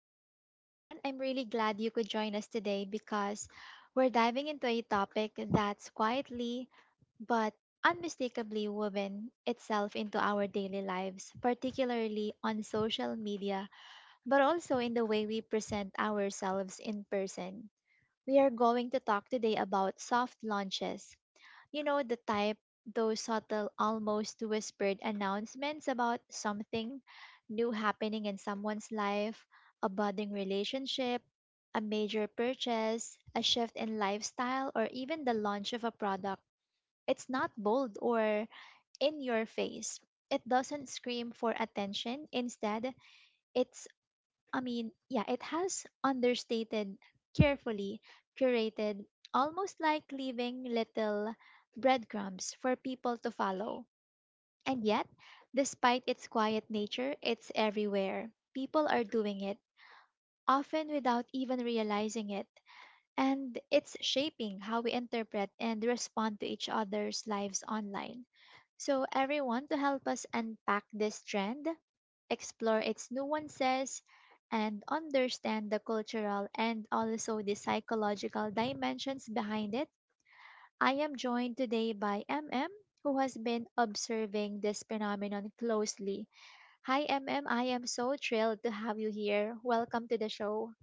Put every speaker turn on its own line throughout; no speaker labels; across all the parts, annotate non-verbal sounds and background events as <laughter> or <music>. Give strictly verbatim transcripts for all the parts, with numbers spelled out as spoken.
podcast, everyone. I'm really glad you could join us today because we're diving into a topic that's quietly but unmistakably woven itself into our daily lives, particularly on social media, but also in the way we present ourselves in person. We are going to talk today about soft launches, you know, the type, those subtle, almost whispered announcements about something new happening in someone's life, a budding relationship, a major purchase, a shift in lifestyle, or even the launch of a product. It's not bold or in your face. It doesn't scream for attention. Instead, it I mean, yeah, it has understated, carefully curated, almost like leaving little breadcrumbs for people to follow. And yet, despite its quiet nature, it's everywhere. People are doing it, often without even realizing it. And it's shaping how we interpret and respond to each other's lives online. So, everyone, to help us unpack this trend, explore its nuances, and understand the cultural and also the psychological dimensions behind it, I am joined today by M M, who has been observing this phenomenon closely. Hi, M M. I am so thrilled to have you here. Welcome to the show.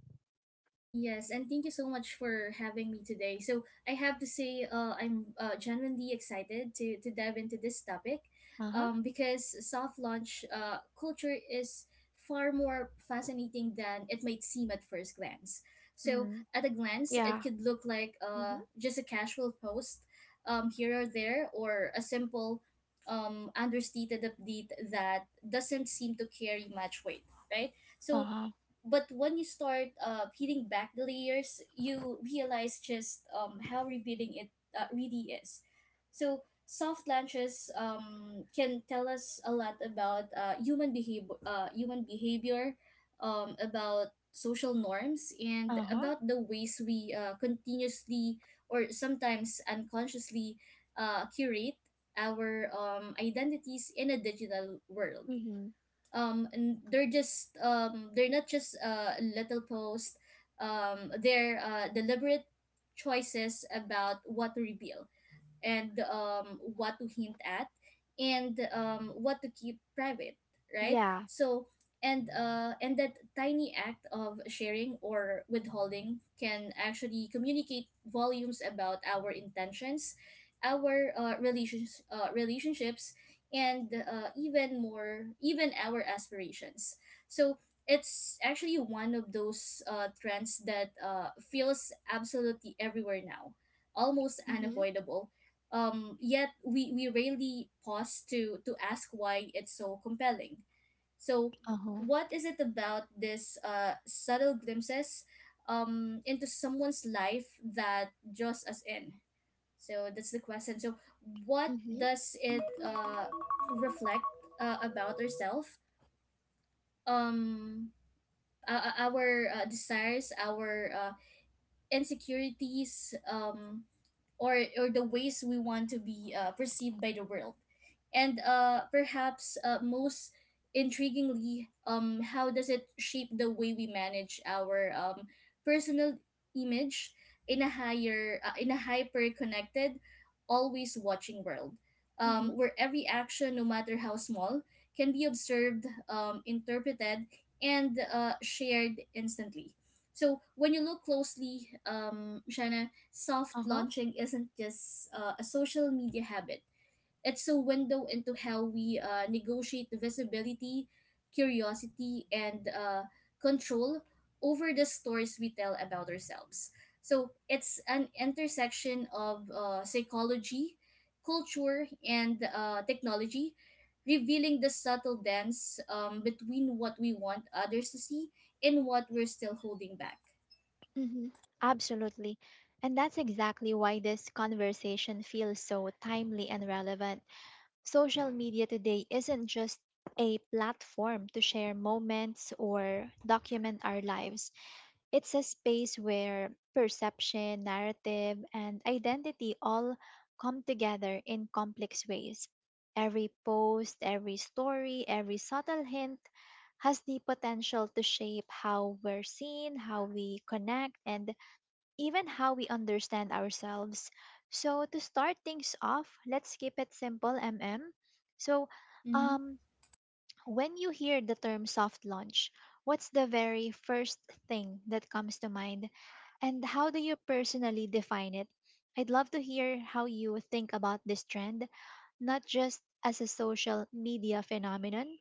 Yes, and thank you so much for having me today. So I have to say, uh, I'm uh, genuinely excited to to dive into this topic,
Uh huh.
um, because soft launch uh, culture is far more fascinating than it might seem at first glance. So
Mm.
at a glance, it
Yeah.
could look like
Mm-hmm.
uh, just a casual post, um, here or there, or a simple, um, understated update that doesn't seem to carry much weight, right?
Uh
So
huh.
but when you start uh, peeling back the layers, you realize just um, how revealing it uh, really is. So soft launches um, can tell us a lot about uh, human behavior, uh, human behavior, um, about social norms, and
Uh huh.
about the ways we uh, continuously or sometimes unconsciously uh, curate our um, identities in a digital world,
Mm-hmm.
um and they're just um they're not just uh a little post, um they're uh deliberate choices about what to reveal, and um, what to hint at, and um, what to keep private, right?
Yeah.
So and uh, and that tiny act of sharing or withholding can actually communicate volumes about our intentions, our uh, relations, uh, relationships, and uh, even more even our aspirations. So it's actually one of those uh, trends that uh, feels absolutely everywhere now, almost
Mm-hmm.
unavoidable, um, yet we, we rarely pause to to ask why it's so compelling. So,
Uh huh.
what is it about this uh, subtle glimpses um, into someone's life that draws us in? So that's the question. So, what
Mm-hmm.
does it uh, reflect uh, about ourselves? Um, uh, our uh, desires, our uh, insecurities, um, or or the ways we want to be uh, perceived by the world, and uh, perhaps uh, most intriguingly, um, how does it shape the way we manage our um, personal image in a higher uh, in a hyper connected, always watching world,
Mm-hmm.
um, where every action, no matter how small, can be observed, um, interpreted, and uh, shared instantly. So when you look closely, um, Shanna, soft launching isn't just uh, a social media habit. It's a window into how we uh, negotiate visibility, curiosity, and uh, control over the stories we tell about ourselves. So it's an intersection of uh, psychology, culture, and uh, technology, revealing the subtle dance um, between what we want others to see and what we're still holding back.
Mhm. Absolutely. And that's exactly why this conversation feels so timely and relevant. Social media today isn't just a platform to share moments or document our lives. It's a space where perception, narrative, and identity all come together in complex ways. Every post, every story, every subtle hint has the potential to shape how we're seen, how we connect, and even how we understand ourselves. So, to start things off, let's keep it simple, M M. So,
Mm-hmm.
um, when you hear the term soft launch, what's the very first thing that comes to mind? And how do you personally define it? I'd love to hear how you think about this trend, not just as a social media phenomenon,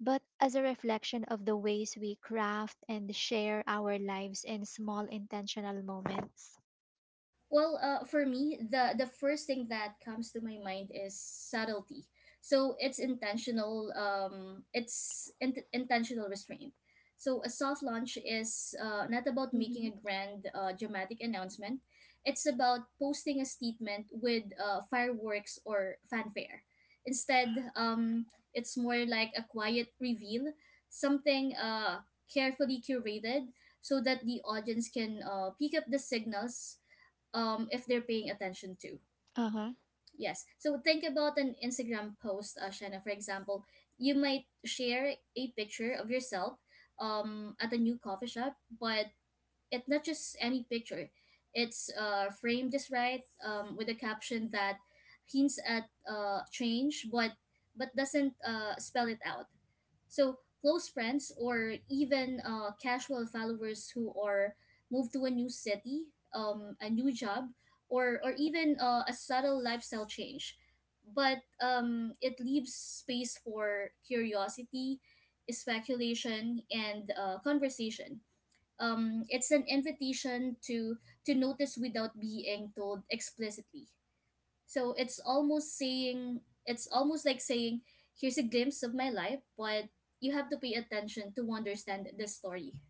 but as a reflection of the ways we craft and share our lives in small intentional moments.
Well, uh, for me, the the first thing that comes to my mind is subtlety. So it's intentional. Um, it's in- intentional restraint. So a soft launch is uh, not about making
Mm-hmm.
a grand, uh, dramatic announcement. It's about posting a statement with uh, fireworks or fanfare. Instead, um, it's more like a quiet reveal, something uh, carefully curated so that the audience can uh, pick up the signals, um, if they're paying attention to.
Uh-huh.
Yes. So think about an Instagram post, uh, Shanna, for example. You might share a picture of yourself um, at a new coffee shop, but it's not just any picture. It's uh, framed just right, um, with a caption that hints at uh, change, but but doesn't uh, spell it out. So, close friends or even uh, casual followers who are moved to a new city, um, a new job, or, or even uh, a subtle lifestyle change. But um, it leaves space for curiosity, speculation, and uh, conversation. Um, it's an invitation to to notice without being told explicitly. So it's almost saying it's almost like saying, here's a glimpse of my life, but you have to pay attention to understand the story.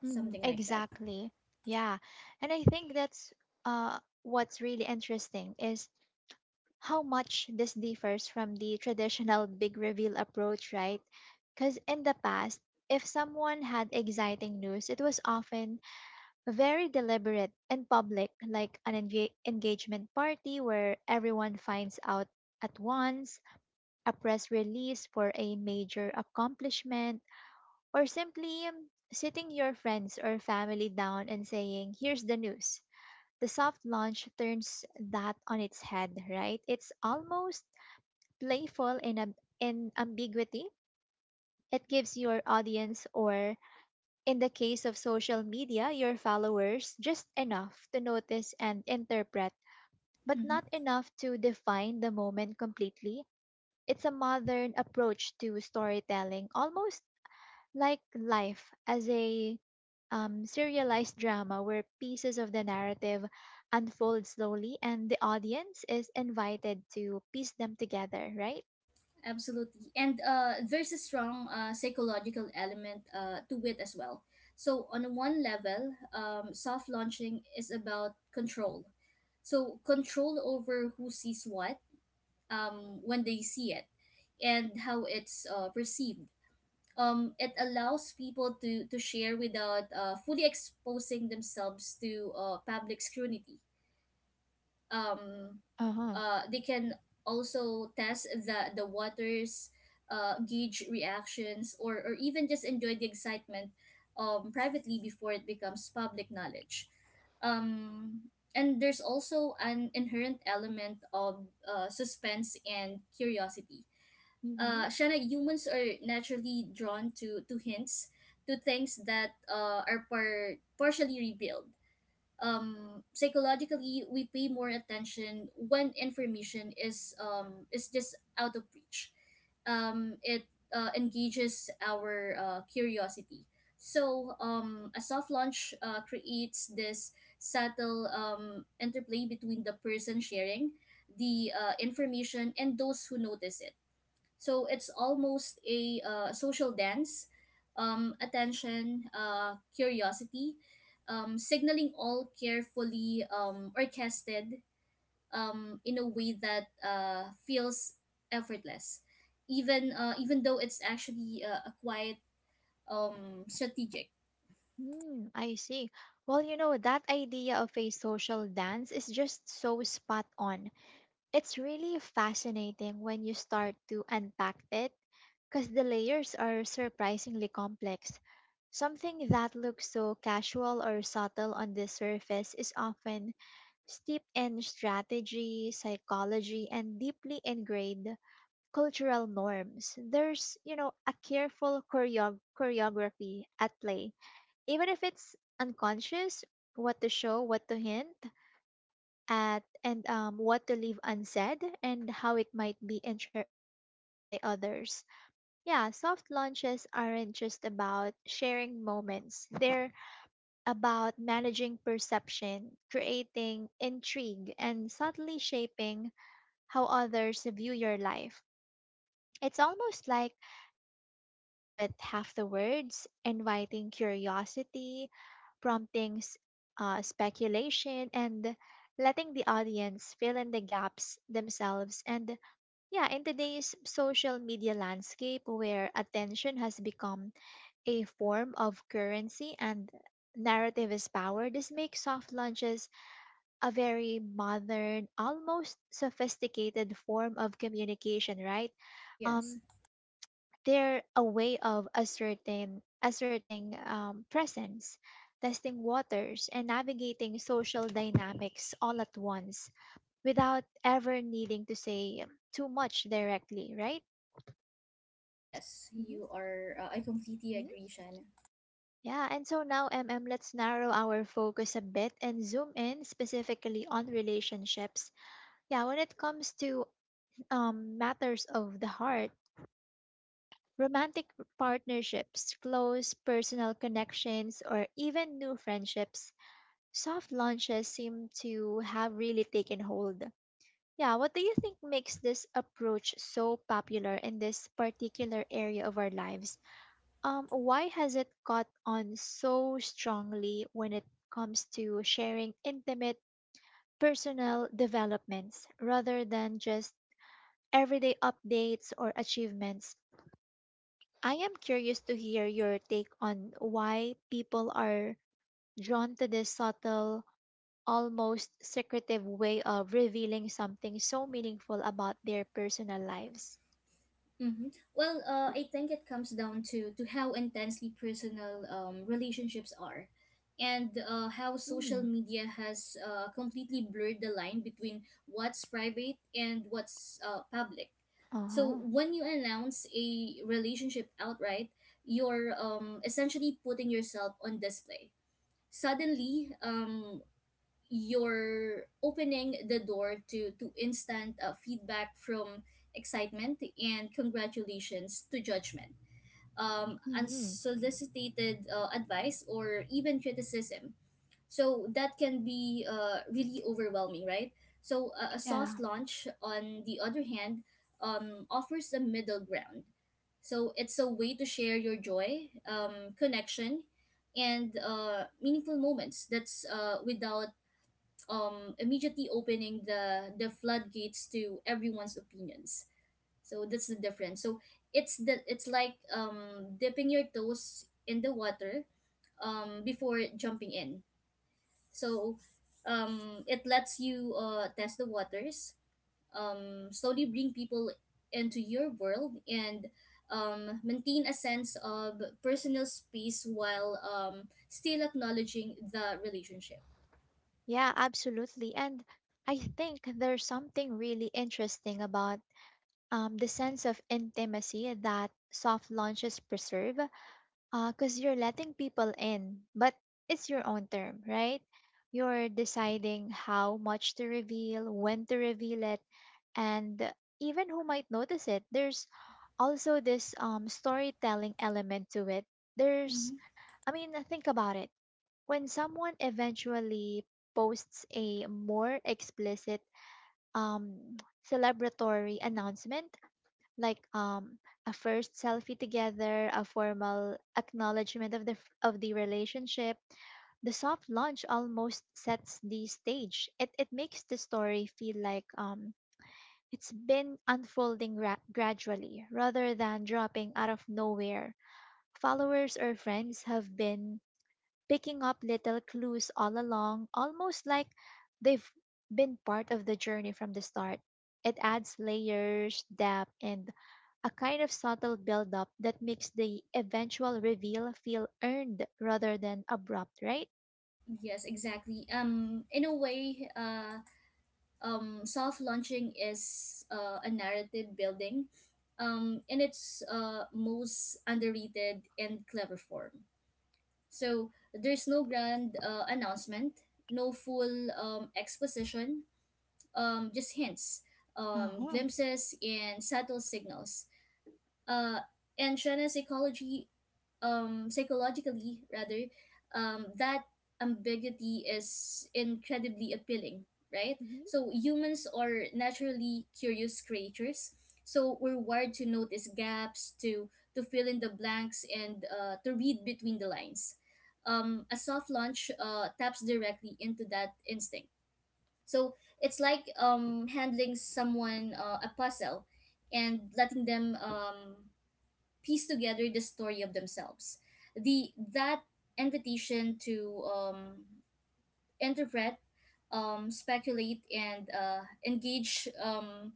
Hmm.
Something like that.
Exactly. Yeah. And I think that's uh what's really interesting is how much this differs from the traditional big reveal approach, right? Because in the past, if someone had exciting news, it was often very deliberate and public, like an enga- engagement party where everyone finds out at once, a press release for a major accomplishment, or simply um, sitting your friends or family down and saying, "Here's the news." The soft launch turns that on its head, right? It's almost playful in, ab- in ambiguity. It gives your audience, or in the case of social media, your followers, just enough to notice and interpret, but
Hmm.
not enough to define the moment completely. It's a modern approach to storytelling, almost like life as a um, serialized drama where pieces of the narrative unfold slowly and the audience is invited to piece them together, right?
Absolutely. And uh, there's a strong uh, psychological element uh, to it as well. So, on one level, um, soft launching is about control. So, control over who sees what, um, when they see it, and how it's uh, perceived. Um, it allows people to, to share without uh, fully exposing themselves to uh, public scrutiny. Um,
Uh huh.
uh, they can also test the, the waters, uh, gauge reactions, or, or even just enjoy the excitement um, privately before it becomes public knowledge. Um, and there's also an inherent element of uh, suspense and curiosity,
Mm-hmm.
uh, Shana. Humans are naturally drawn to to hints, to things that uh, are par- partially revealed. Um, psychologically, we pay more attention when information is um, is just out of reach. Um, it uh, engages our uh, curiosity. So um, a soft launch uh, creates this subtle um, interplay between the person sharing the uh, information and those who notice it. So it's almost a uh, social dance, um, attention, uh, curiosity, um, signaling all carefully um, orchestrated um, in a way that uh, feels effortless, even uh, even though it's actually uh, a quiet um, strategic.
Mm, I see. Well, you know, that idea of a social dance is just so spot on. It's really fascinating when you start to unpack it because the layers are surprisingly complex. Something that looks so casual or subtle on the surface is often steeped in strategy, psychology, and deeply ingrained cultural norms. There's, you know, a careful choreo- choreography at play. Even if it's unconscious, what to show, what to hint at, and um, what to leave unsaid, and how it might be inter- interpreted by others. Yeah, soft launches aren't just about sharing moments. They're about managing perception, creating intrigue, and subtly shaping how others view your life. It's almost like telling a story with half the words, inviting curiosity, prompting s- uh, speculation, and letting the audience fill in the gaps themselves. And yeah, in today's social media landscape where attention has become a form of currency and narrative is power, this makes soft launches a very modern, almost sophisticated form of communication, right?
Yes,
Um, they're a way of asserting asserting um, presence, testing waters, and navigating social dynamics all at once without ever needing to say too much directly, right?
yes,
Mhm.
you are. Uh, I completely agree, Shannon.
Yeah, and so now, M M, let's narrow our focus a bit and zoom in specifically on relationships. Yeah, when it comes to um, matters of the heart, romantic partnerships, close personal connections, or even new friendships, soft launches seem to have really taken hold. Yeah, what do you think makes this approach so popular in this particular area of our lives? Um, why has it caught on so strongly when it comes to sharing intimate personal developments rather than just everyday updates or achievements? I am curious to hear your take on why people are drawn to this subtle, almost secretive way of revealing something so meaningful about their personal lives.
Mm-hmm. Well, uh, I think it comes down to to how intensely personal um, relationships are, and uh, how social
Mm.
media has uh, completely blurred the line between what's private and what's uh, public.
Uh huh.
So when you announce a relationship outright, you're um, essentially putting yourself on display. Suddenly, um, you're opening the door to to instant uh, feedback, from excitement and congratulations to judgment, um,
Hmm.
unsolicited uh, advice, or even criticism. So that can be uh, really overwhelming, right? So a a
Yeah.
soft launch, on the other hand, um, offers a middle ground. So it's a way to share your joy, um, connection, and uh, meaningful moments, that's uh, without um, immediately opening the the floodgates to everyone's opinions. So that's the difference. So it's the it's like um, dipping your toes in the water um, before jumping in. So um, it lets you uh, test the waters, um, slowly bring people into your world, and um, maintain a sense of personal space while um, still acknowledging the relationship.
Yeah, absolutely. And I think there's something really interesting about um, the sense of intimacy that soft launches preserve, because you're letting people in, but it's your own term, right? You're deciding how much to reveal, when to reveal it, and even who might notice it. There's also this um, storytelling element to it. There's, I mean, think about it, when someone eventually posts a more explicit um celebratory announcement, like um a first selfie together, a formal acknowledgement of the f- of the relationship, the soft launch almost sets the stage. it it makes the story feel like um it's been unfolding ra- gradually rather than dropping out of nowhere. Followers or friends have been picking up little clues all along, almost like they've been part of the journey from the start. It adds layers, depth, and a kind of subtle build-up that makes the eventual reveal feel earned rather than abrupt, right?
Yes, exactly. Um, in a way, uh, um, soft launching is uh, a narrative building, um, in its uh, most underrated and clever form. So there's no grand uh, announcement, no full um, exposition, um, just hints, um,
Uh-huh.
glimpses, and subtle signals. uh, and China's psychology, um, psychologically rather, um, that ambiguity is incredibly appealing, right?
Mm-hmm.
So humans are naturally curious creatures. So we're wired to notice gaps, to to fill in the blanks, and uh, to read between the lines. Um, a soft launch uh, taps directly into that instinct. So it's like um, handling someone uh, a puzzle and letting them um, piece together the story of themselves. The that invitation to um, interpret, um, speculate, and uh, engage um,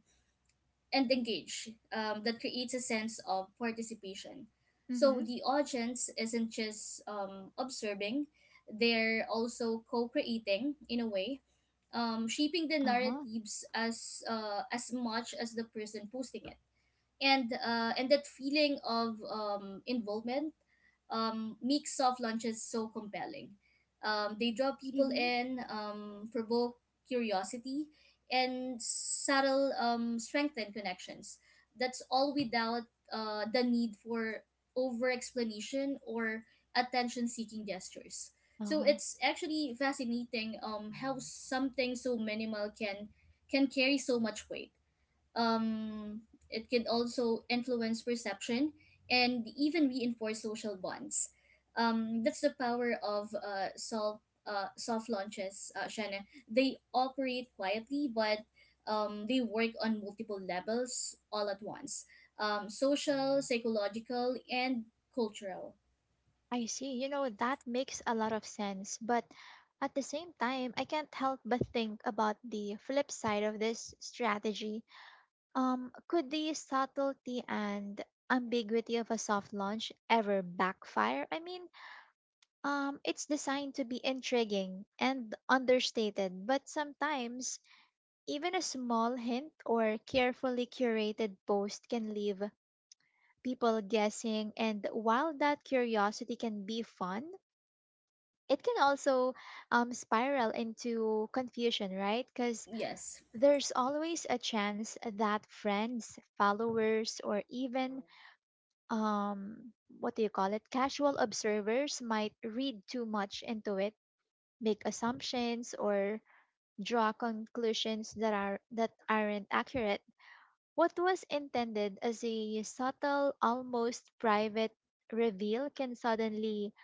and engage, um, that creates a sense of participation. So
Mm-hmm.
the audience isn't just um, observing; they're also co-creating in a way, um, shaping the
Uh-huh.
narratives as uh, as much as the person posting it. And uh, and that feeling of um, involvement um, makes soft launches so compelling. Um, they draw people
Mm-hmm.
in, um, provoke curiosity, and subtle um, strengthen connections. That's all without uh, the need for over explanation or attention seeking gestures. So
Uh-huh.
it's actually fascinating um, how something so minimal can can carry so much weight. um, it can also influence perception and even reinforce social bonds. Um, that's the power of uh, soft, uh, soft launches, uh, Shanna. They operate quietly, but um, they work on multiple levels all at once, um, social, psychological, and cultural.
I see. You know, that makes a lot of sense. But at the same time, I can't help but think about the flip side of this strategy. Um, could the subtlety and ambiguity of a soft launch ever backfire? I mean, um, it's designed to be intriguing and understated, but sometimes even a small hint or carefully curated post can leave people guessing. And while that curiosity can be fun, it can also um, spiral into confusion, right? Because
Yes.
there's always a chance that friends, followers, or even um what do you call it, casual observers might read too much into it, make assumptions, or draw conclusions that are that aren't accurate. What was intended as a subtle, almost private reveal can suddenly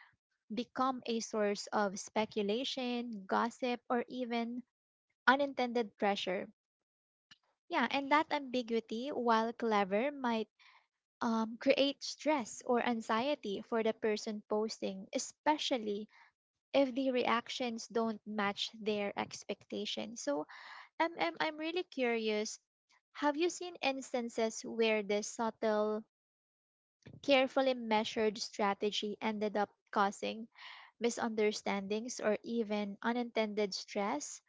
become a source of speculation, gossip, or even unintended pressure. Yeah, and that ambiguity, while clever, might um, create stress or anxiety for the person posting, especially if the reactions don't match their expectations. So, M M, I'm really curious. Have you seen instances where this subtle, carefully measured strategy ended up causing misunderstandings or even unintended stress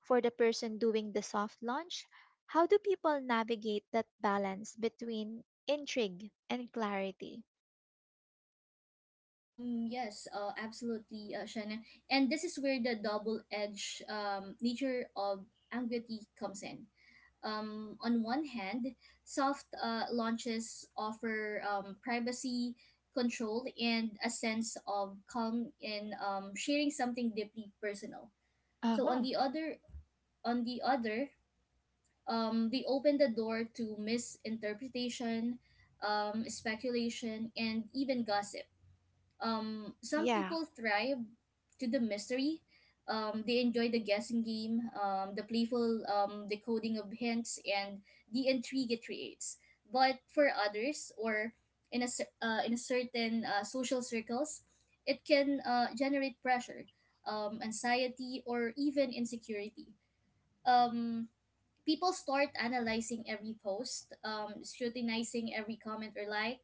for the person doing the soft launch? How do people navigate that balance between intrigue and clarity?
Um, yes, uh, Absolutely, uh, Shanna. And this is where the double edged um, nature of ambiguity comes in. Um, on one hand, soft uh, launches offer um, privacy, control, and a sense of calm in um, sharing something deeply personal. So on
Uh-huh.
the other, on the other, um, they open the door to misinterpretation, um, speculation, and even gossip. Um, some
Yeah.
people thrive to the mystery. Um, they enjoy the guessing game, um, the playful um, decoding of hints, and the intrigue it creates. But for others, or in a, cer- uh, in a certain uh, social circles, it can uh, generate pressure, um, anxiety, or even insecurity. Um, People start analyzing every post, um, scrutinizing every comment or like,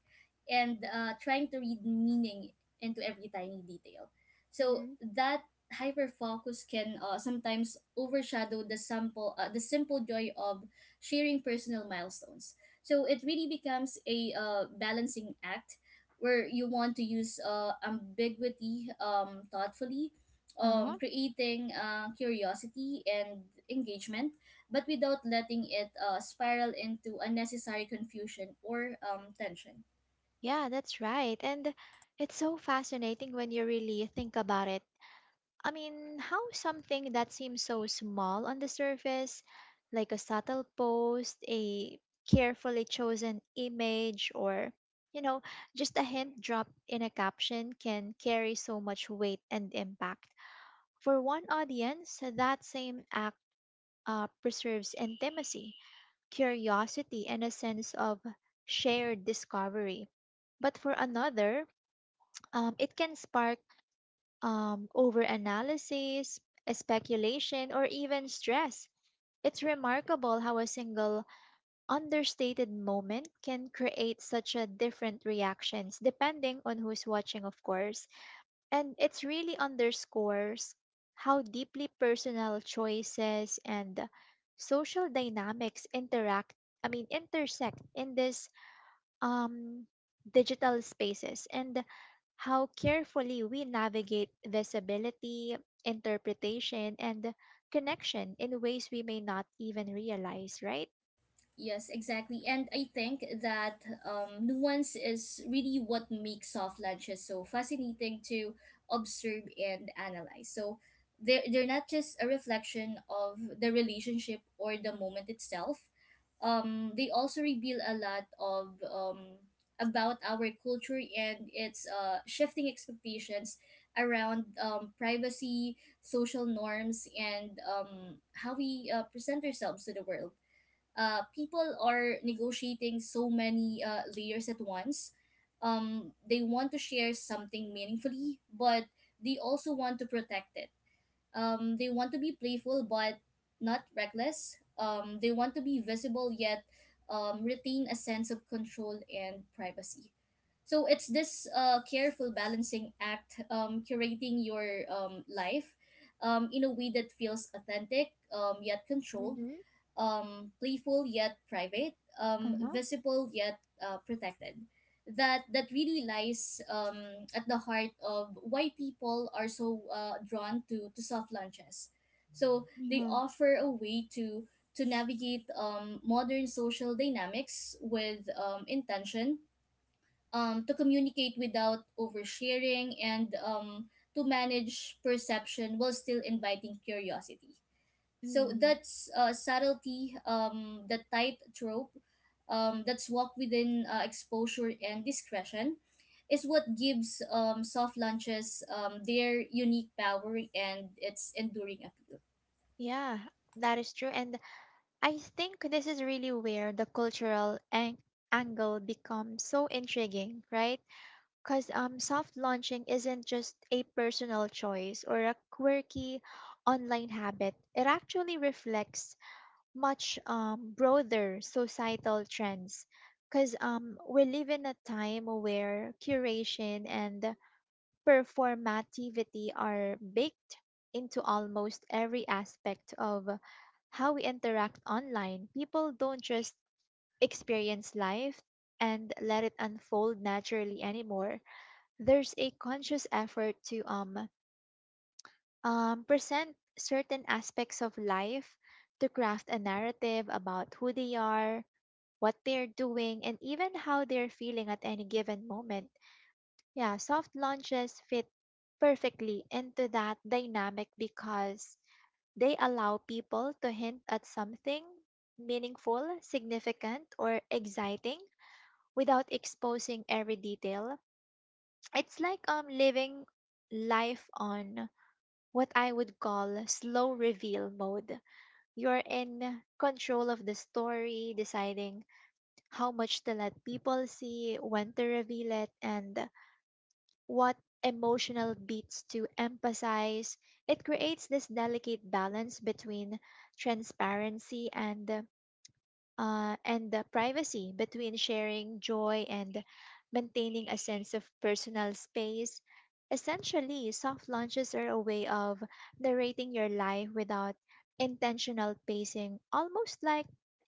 and uh, trying to read meaning into every tiny detail. So
Hmm.
that hyper focus can uh, sometimes overshadow the simple uh, the simple joy of sharing personal milestones. So it really becomes a uh, balancing act where you want to use uh, ambiguity um, thoughtfully,
Uh-huh.
um, creating uh, curiosity and engagement, but without letting it uh, spiral into unnecessary confusion or um, tension.
Yeah, that's right. And it's so fascinating when you really think about it. I mean, how something that seems so small on the surface, like a subtle post, a carefully chosen image, or, you know, just a hint dropped in a caption can carry so much weight and impact. For one audience, that same act uh, preserves intimacy, curiosity, and a sense of shared discovery. But for another, um, it can spark um, overanalysis, uh, speculation, or even stress. It's remarkable how a single understated moment can create such a different reactions depending on who's watching, of course. And it really underscores how deeply personal choices and social dynamics interact, I mean, intersect in this um, digital spaces and how carefully we navigate visibility, interpretation, and connection in ways we may not even realize, right?
Yes, exactly. And I think that um, nuance is really what makes soft lunches so fascinating to observe and analyze. So they're, they're not just a reflection of the relationship or the moment itself. Um, they also reveal a lot of um, about our culture and its uh, shifting expectations around um, privacy, social norms, and um, how we uh, present ourselves to the world. Uh, people are negotiating so many uh, layers at once. Um, they want to share something meaningfully, but they also want to protect it, um, they want to be playful but not reckless. Um, they want to be visible, yet um, retain a sense of control and privacy. So it's this uh, careful balancing act, um, curating your um, life um, in a way that feels authentic, um, yet controlled,
Mm-hmm.
um, playful yet private, um,
Uh-huh.
visible yet uh, protected. That that really lies um, at the heart of why people are so uh, drawn to, to soft lunches. So they
Yeah.
offer a way to to navigate um, modern social dynamics with um, intention, um, to communicate without oversharing, and um, to manage perception while still inviting curiosity. So
Mm,
that's uh, subtlety, um, the tight trope um, that's walked within uh, exposure and discretion is what gives um, soft lunches um, their unique power and its enduring appeal.
yeah, that is true. And I think this is really where the cultural ang angle becomes so intriguing, right? Because um, soft launching isn't just a personal choice or a quirky online habit. It actually reflects much um, broader societal trends. Because um, we live in a time where curation and performativity are baked into almost every aspect of how we interact online. People don't just experience life and let it unfold naturally anymore. There's a conscious effort to um, um, present certain aspects of life, to craft a narrative about who they are, what they're doing, and even how they're feeling at any given moment. Yeah, soft launches fit perfectly into that dynamic because they allow people to hint at something meaningful, significant, or exciting without exposing every detail. It's like um living life on what I would call slow reveal mode. You're in control of the story, deciding how much to let people see, when to reveal it, and what emotional beats to emphasize. It creates this delicate balance between transparency and uh, and the privacy, between sharing joy and maintaining a sense of personal space. Essentially, soft launches are a way of narrating your life without intentional pacing, almost like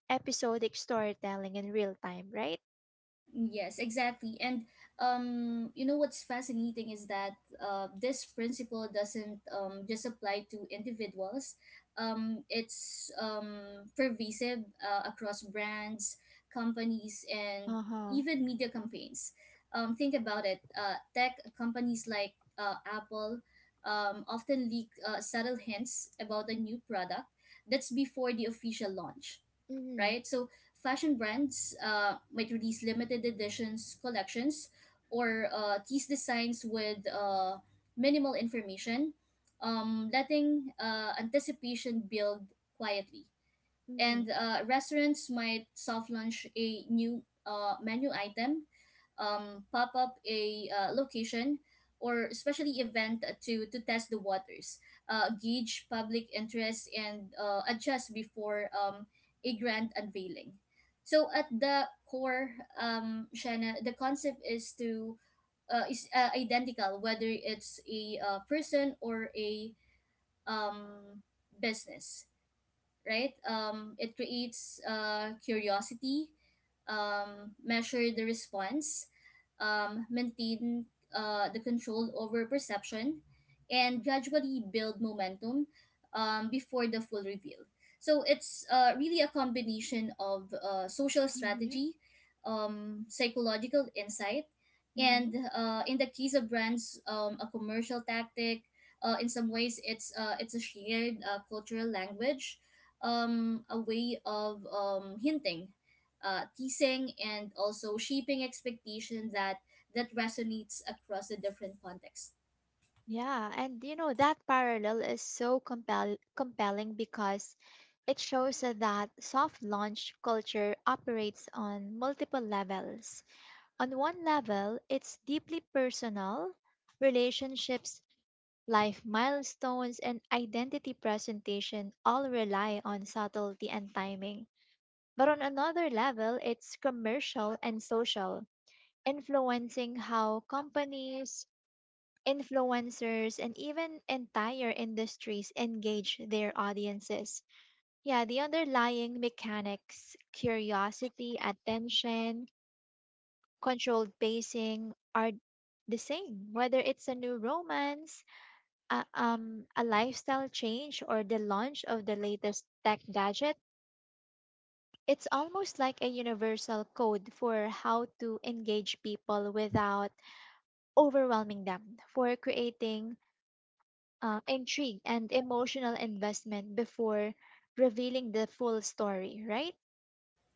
episodic storytelling in real time, right?
Yes, exactly. And um, you know what's fascinating is that uh, this principle doesn't um, just apply to individuals. Um, it's um, pervasive uh, across brands, companies, and
Uh-huh.
even media campaigns. Um, think about it. Uh, tech companies like uh, Apple um, often leak uh, subtle hints about a new product, that's before the official launch,
Mm-hmm.
right? So fashion brands uh, might release limited editions collections or uh, tease designs with uh, minimal information, um, letting uh, anticipation build quietly,
Mm-hmm.
and uh, restaurants might soft launch a new uh, menu item, um, pop up a uh, location, or especially event to to test the waters, uh, gauge public interest, and uh, adjust before um, a grand unveiling. So at the core, um, Shanna, the concept is to uh, is uh, identical whether it's a uh, person or a um, business, right? Um, it creates uh, curiosity, um, measure the response, um, maintain uh, the control over perception, and gradually build momentum um, before the full reveal. So it's uh, really a combination of uh, social
Mm-hmm.
strategy, um, psychological insight,
Mm-hmm.
and uh, in the case of brands, um, a commercial tactic. Uh, in some ways, it's uh, it's a shared uh, cultural language, um, a way of um, hinting, uh, teasing, and also shaping expectation that that resonates across the different contexts.
Yeah, and you know that parallel is so compel compelling because it shows that soft launch culture operates on multiple levels. On one level, it's deeply personal, relationships, life milestones, and identity presentation all rely on subtlety and timing. But on another level, it's commercial and social influencing how companies, influencers, and even entire industries engage their audiences. Yeah, the underlying mechanics, curiosity, attention, controlled pacing are the same, whether it's a new romance, a, um, a lifestyle change, or the launch of the latest tech gadget. It's almost like a universal code for how to engage people without overwhelming them for creating uh, intrigue and emotional investment before revealing the full story, right?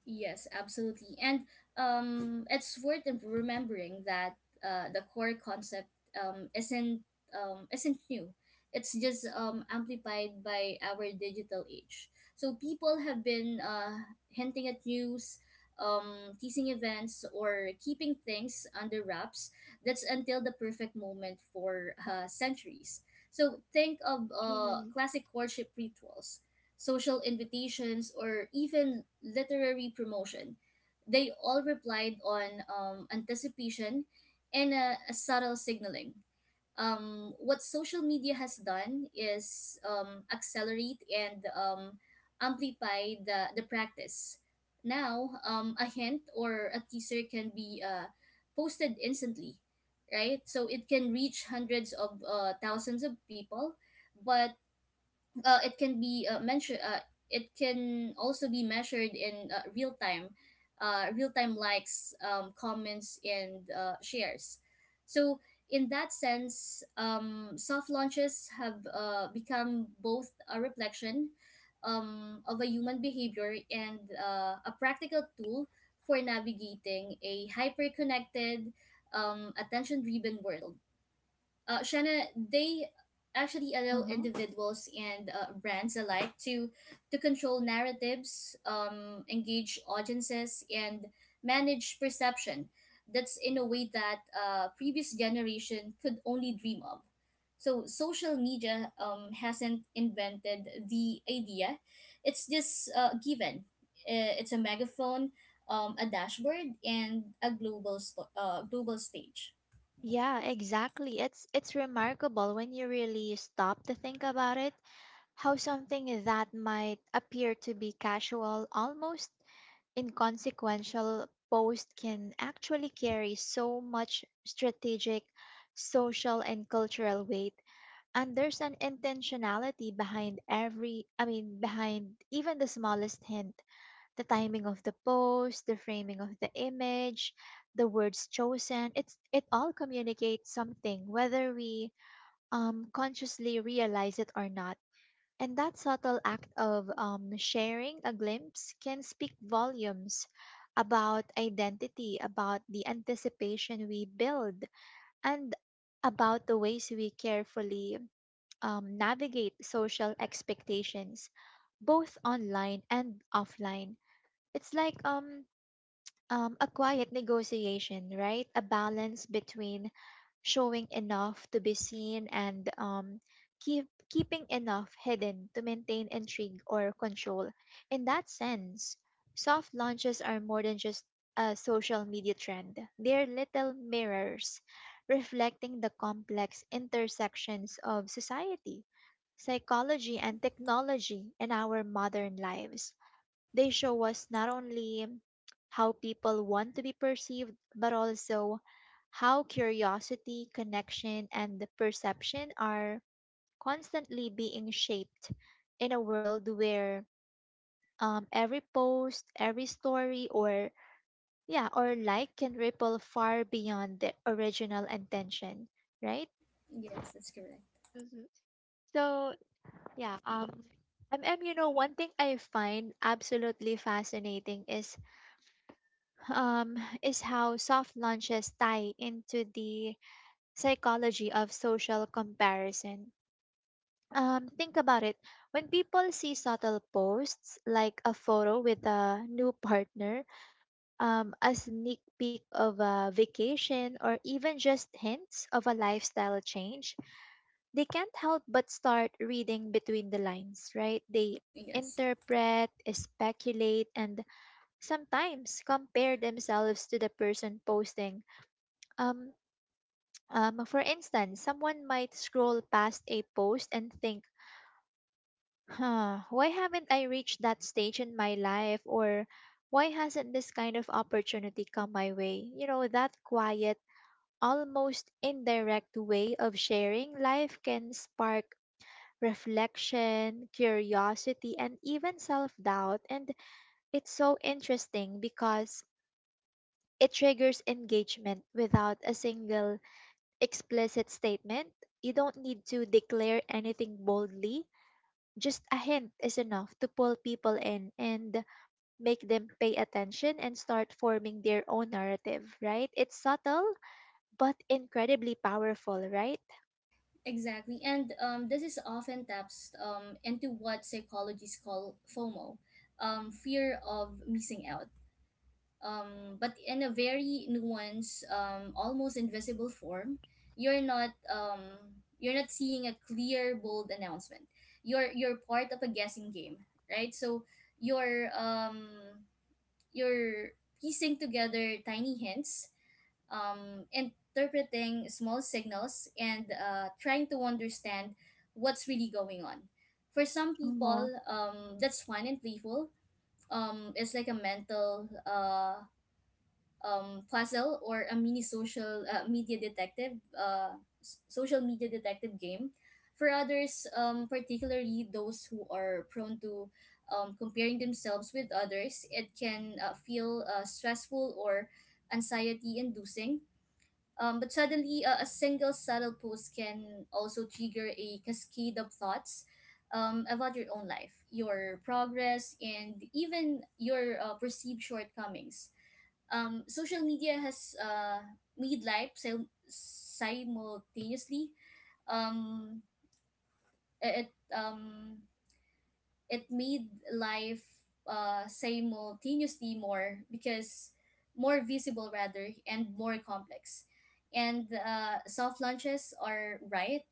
Yes, absolutely. And um, it's worth remembering that uh, the core concept um, isn't um, isn't new. It's just um, amplified by our digital age. So people have been uh, hinting at news, um, teasing events, or keeping things under wraps. That's until the perfect moment for uh, centuries. So think of uh,
Mm-hmm.
classic courtship rituals, social invitations, or even literary promotion. They all replied on um, anticipation and a, a subtle signaling. Um, what social media has done is um, accelerate and um, amplify the, the practice. Now, um, a hint or a teaser can be uh, posted instantly, right? So it can reach hundreds of uh, thousands of people, but uh, it can be uh, mentioned uh, it can also be measured in uh, real time uh, real time: likes, um, comments, and uh, shares. So in that sense, um, soft launches have uh, become both a reflection um, of a human behavior and uh, a practical tool for navigating a hyper connected, um, attention driven world. uh, Shanna, they actually allow
Uh-huh.
individuals and uh, brands alike to to control narratives, um, engage audiences, and manage perception. That's in a way that uh, previous generation could only dream of. So social media um, hasn't invented the idea; it's just uh, given. Uh, It's a megaphone, um, a dashboard, and a global sto- uh, global stage.
Yeah, exactly. It's it's remarkable when you really stop to think about it, how something that might appear to be casual, almost inconsequential post can actually carry so much strategic, social, and cultural weight. And there's an intentionality behind every i mean behind even the smallest hint, the timing of the post, the framing of the image, the words chosen. It's it all communicates something whether we um consciously realize it or not. And that subtle act of um, sharing a glimpse can speak volumes about identity, about the anticipation we build, and about the ways we carefully um, navigate social expectations, both online and offline. It's like um, um, a quiet negotiation, right? A balance between showing enough to be seen and um, keep keeping enough hidden to maintain intrigue or control. In that sense, soft launches are more than just a social media trend. They're little mirrors reflecting the complex intersections of society, psychology, and technology in our modern lives. They show us not only how people want to be perceived, but also how curiosity, connection, and perception are constantly being shaped in a world where um, every post, every story, or yeah, or like can ripple far beyond the original intention, right?
Yes, that's correct.
Mm-hmm. So yeah, um, MM, you know, one thing I find absolutely fascinating is um, is how soft launches tie into the psychology of social comparison. Um, think about it. When people see subtle posts like a photo with a new partner, um, a sneak peek of a vacation, or even just hints of a lifestyle change, they can't help but start reading between the lines, right? They
Yes.
interpret, speculate, and sometimes compare themselves to the person posting. Um, um, for instance, someone might scroll past a post and think, huh, why haven't I reached that stage in my life? Or why hasn't this kind of opportunity come my way? You know, that quiet, almost indirect way of sharing life can spark reflection, curiosity, and even self doubt. And it's so interesting because it triggers engagement without a single explicit statement. You don't need to declare anything boldly. Just a hint is enough to pull people in and make them pay attention and start forming their own narrative, right? It's subtle but incredibly powerful, right?
Exactly. And um, this is often taps um, into what psychologists call FOMO, um, fear of missing out. Um, but in a very nuanced, um, almost invisible form, you're not um, you're not seeing a clear, bold announcement. You're you're part of a guessing game, right? So you're um, you're piecing together tiny hints, um, interpreting small signals and uh, trying to understand what's really going on. For some
Uh-huh.
people, um, that's fun and playful. Um, it's like a mental uh, um, puzzle or a mini social uh, media detective, uh, s- social media detective game. For others, um, particularly those who are prone to um, comparing themselves with others, it can uh, feel uh, stressful or anxiety inducing. Um, but suddenly, uh, a single subtle post can also trigger a cascade of thoughts um, about your own life, your progress, and even your uh, perceived shortcomings. Um, social media has uh, made life sim- simultaneously. Um, it um, it made life uh, simultaneously more because more visible rather and more complex, and uh, soft launches are right,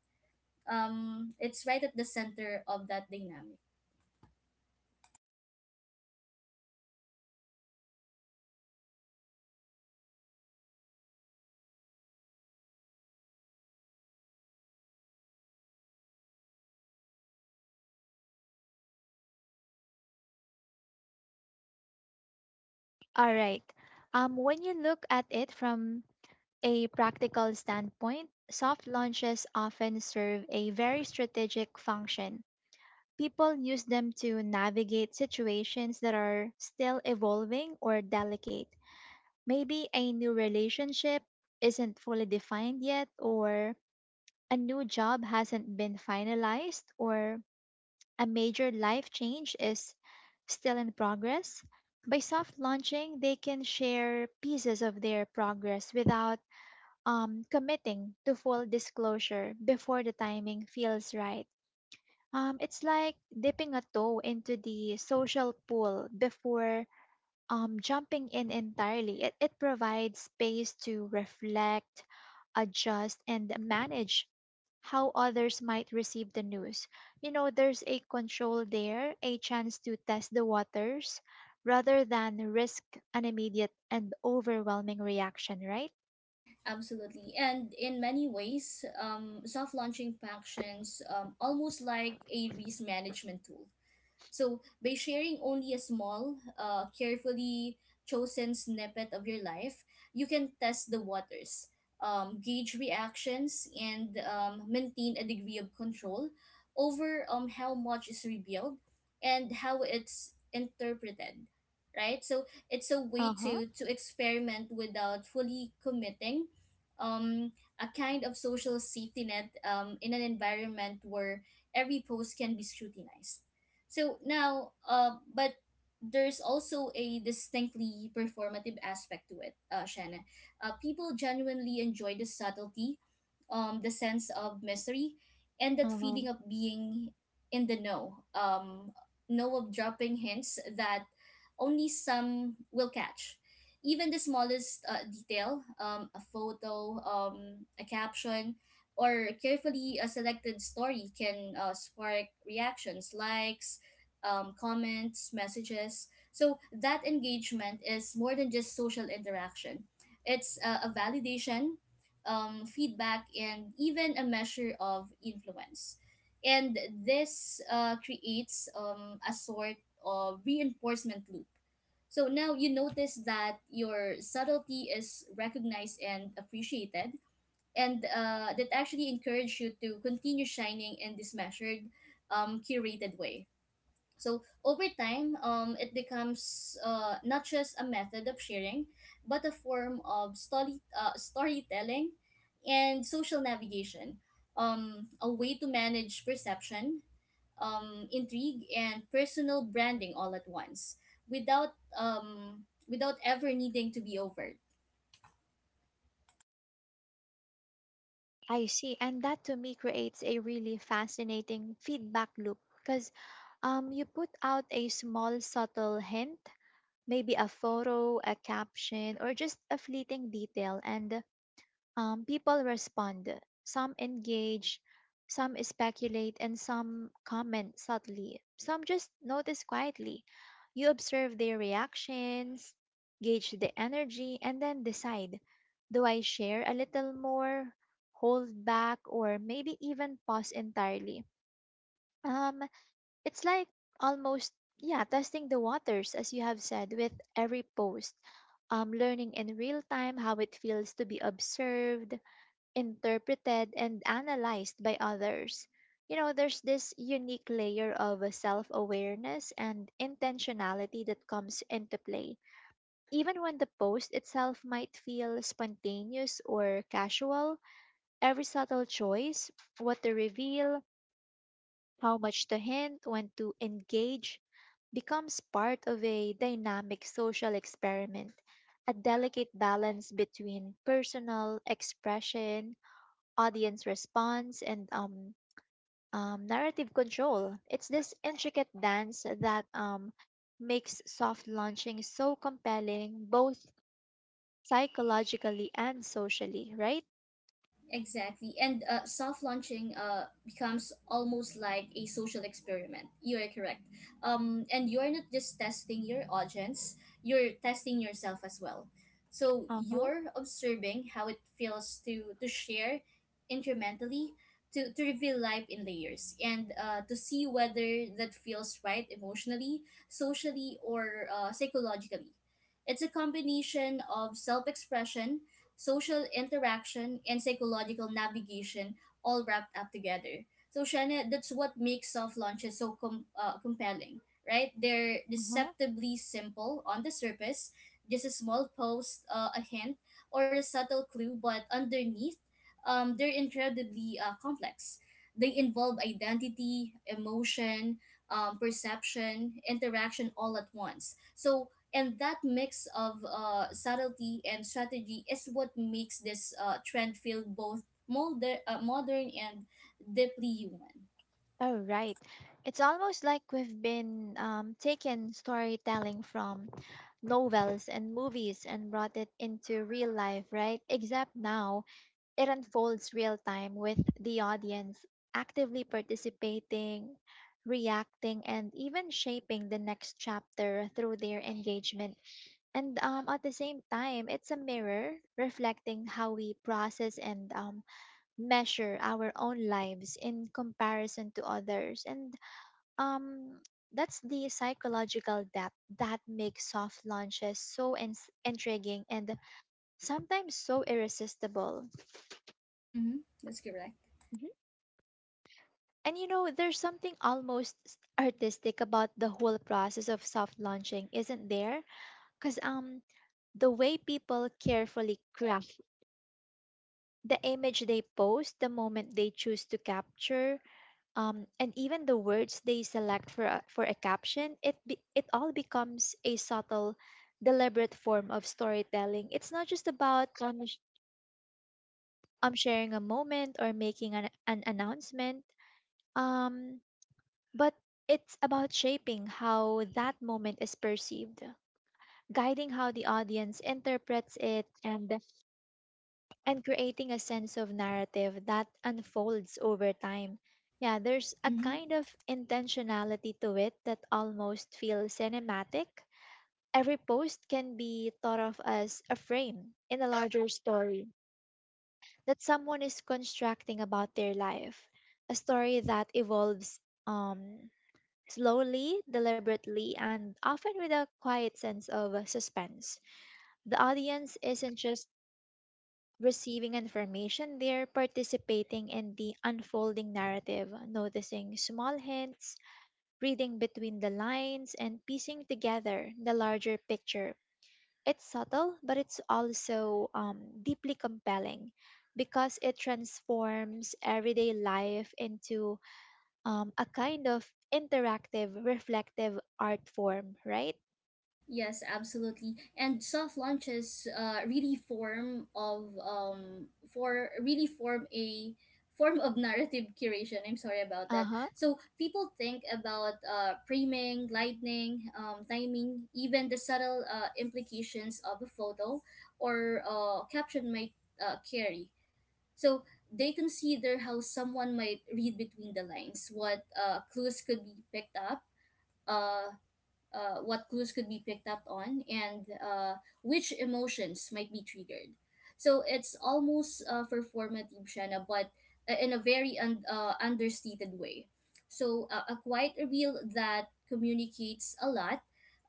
um, it's right at the center of that dynamic.
All right. Um, when you look at it from a practical standpoint, soft launches often serve a very strategic function. People use them to navigate situations that are still evolving or delicate. Maybe a new relationship isn't fully defined yet, or a new job hasn't been finalized, or a major life change is still in progress. By soft launching, they can share pieces of their progress without um, committing to full disclosure before the timing feels right. Um, it's like dipping a toe into the social pool before um, jumping in entirely. It, it provides space to reflect, adjust, and manage how others might receive the news. You know, there's a control there, a chance to test the waters rather than risk an immediate and overwhelming reaction, right?
Absolutely. And in many ways, um, soft launching functions um, almost like a risk management tool. So, by sharing only a small, uh, carefully chosen snippet of your life, you can test the waters, um, gauge reactions, and um, maintain a degree of control over um, how much is revealed and how it's interpreted, right? So it's a way
Uh-huh.
to to experiment without fully committing, um a kind of social safety net um in an environment where every post can be scrutinized. So now, uh, but there's also a distinctly performative aspect to it, uh, Shannon. Uh, people genuinely enjoy the subtlety, um, the sense of mystery, and that
Uh-huh.
feeling of being in the know, um, know of dropping hints that only some will catch. Even the smallest uh, detail, um, a photo, um, a caption, or carefully a selected story can uh, spark reactions, likes, um, comments, messages. So that engagement is more than just social interaction. It's uh, a validation, um, feedback, and even a measure of influence. And this uh, creates um, a sort of reinforcement loop. So now you notice that your subtlety is recognized and appreciated, and uh, that actually encourage you to continue shining in this measured, um, curated way. So over time, um, it becomes uh, not just a method of sharing, but a form of story, uh, storytelling and social navigation, um, a way to manage perception, um, intrigue, and personal branding all at once without, um, without ever needing to be overt.
I see. And that to me creates a really fascinating feedback loop because um you put out a small subtle hint, maybe a photo, a caption, or just a fleeting detail, and um, people respond. Some engage, some speculate, and some comment subtly. Some just notice quietly. You observe their reactions, gauge the energy, and then decide, do I share a little more, hold back, or maybe even pause entirely? Um, it's like almost, yeah, testing the waters, as you have said, with every post, um, learning in real time how it feels to be observed, interpreted, and analyzed by others. You know, there's this unique layer of self awareness and intentionality that comes into play. Even when the post itself might feel spontaneous or casual, every subtle choice, what to reveal, how much to hint, when to engage, becomes part of a dynamic social experiment, a delicate balance between personal expression, audience response, and um, um, narrative control. It's this intricate dance that um, makes soft launching so compelling, both psychologically and socially, right?
Exactly. And uh, soft launching uh, becomes almost like a social experiment. You are correct. Um, and you're not just testing your audience, you're testing yourself as well. So
Uh-huh.
you're observing how it feels to, to share incrementally, to, to reveal life in layers, and uh, to see whether that feels right emotionally, socially, or uh, psychologically. It's a combination of self expression, social interaction, and psychological navigation all wrapped up together. So, Shana, that's what makes soft launches so com- uh, compelling, right? They're
Uh-huh.
deceptively simple on the surface, just a small post, uh, a hint, or a subtle clue, but underneath, um, they're incredibly uh, complex. They involve identity, emotion, um, perception, interaction all at once. So and that mix of uh, subtlety and strategy is what makes this uh, trend feel both moder- uh, modern and deeply human.
All right. It's almost like we've been um, taken storytelling from novels and movies and brought it into real life, right? Except now it unfolds real time with the audience actively participating, reacting, and even shaping the next chapter through their engagement. And um, at the same time, it's a mirror reflecting how we process and um, measure our own lives in comparison to others. And um, that's the psychological depth that makes soft launches so ins- intriguing and sometimes so irresistible.
Mm-hmm. That's correct.
And you know, there's something almost s- artistic about the whole process of soft launching, isn't there? Because um, the way people carefully craft the image they post, the moment they choose to capture, um, and even the words they select for a, for a caption, it be, it all becomes a subtle, deliberate form of storytelling. It's not just about um, sh- um sharing a moment or making an, an announcement. Um, But it's about shaping how that moment is perceived, guiding how the audience interprets it, and and creating a sense of narrative that unfolds over time. Yeah, there's a
Mm-hmm.
kind of intentionality to it that almost feels cinematic. Every post can be thought of as a frame in a larger story that someone is constructing about their life, a story that evolves um slowly, deliberately, and often with a quiet sense of suspense. The audience isn't just receiving information, they're participating in the unfolding narrative, noticing small hints, reading between the lines, and piecing together the larger picture. It's subtle, but it's also um, deeply compelling because it transforms everyday life into um, a kind of interactive, reflective art form, right?
Yes, absolutely. And soft launches uh, really form of um for really form a form of narrative curation. I'm sorry about
Uh
that.
huh.
So people think about uh framing, lightning, um, timing, even the subtle uh, implications of a photo or uh, caption might uh, carry. So they consider how someone might read between the lines, what uh, clues could be picked up, uh, uh, what clues could be picked up on, and uh, which emotions might be triggered. So it's almost uh, performative, Shanna, but uh, in a very un- uh, understated way. So uh, a quiet reveal that communicates a lot,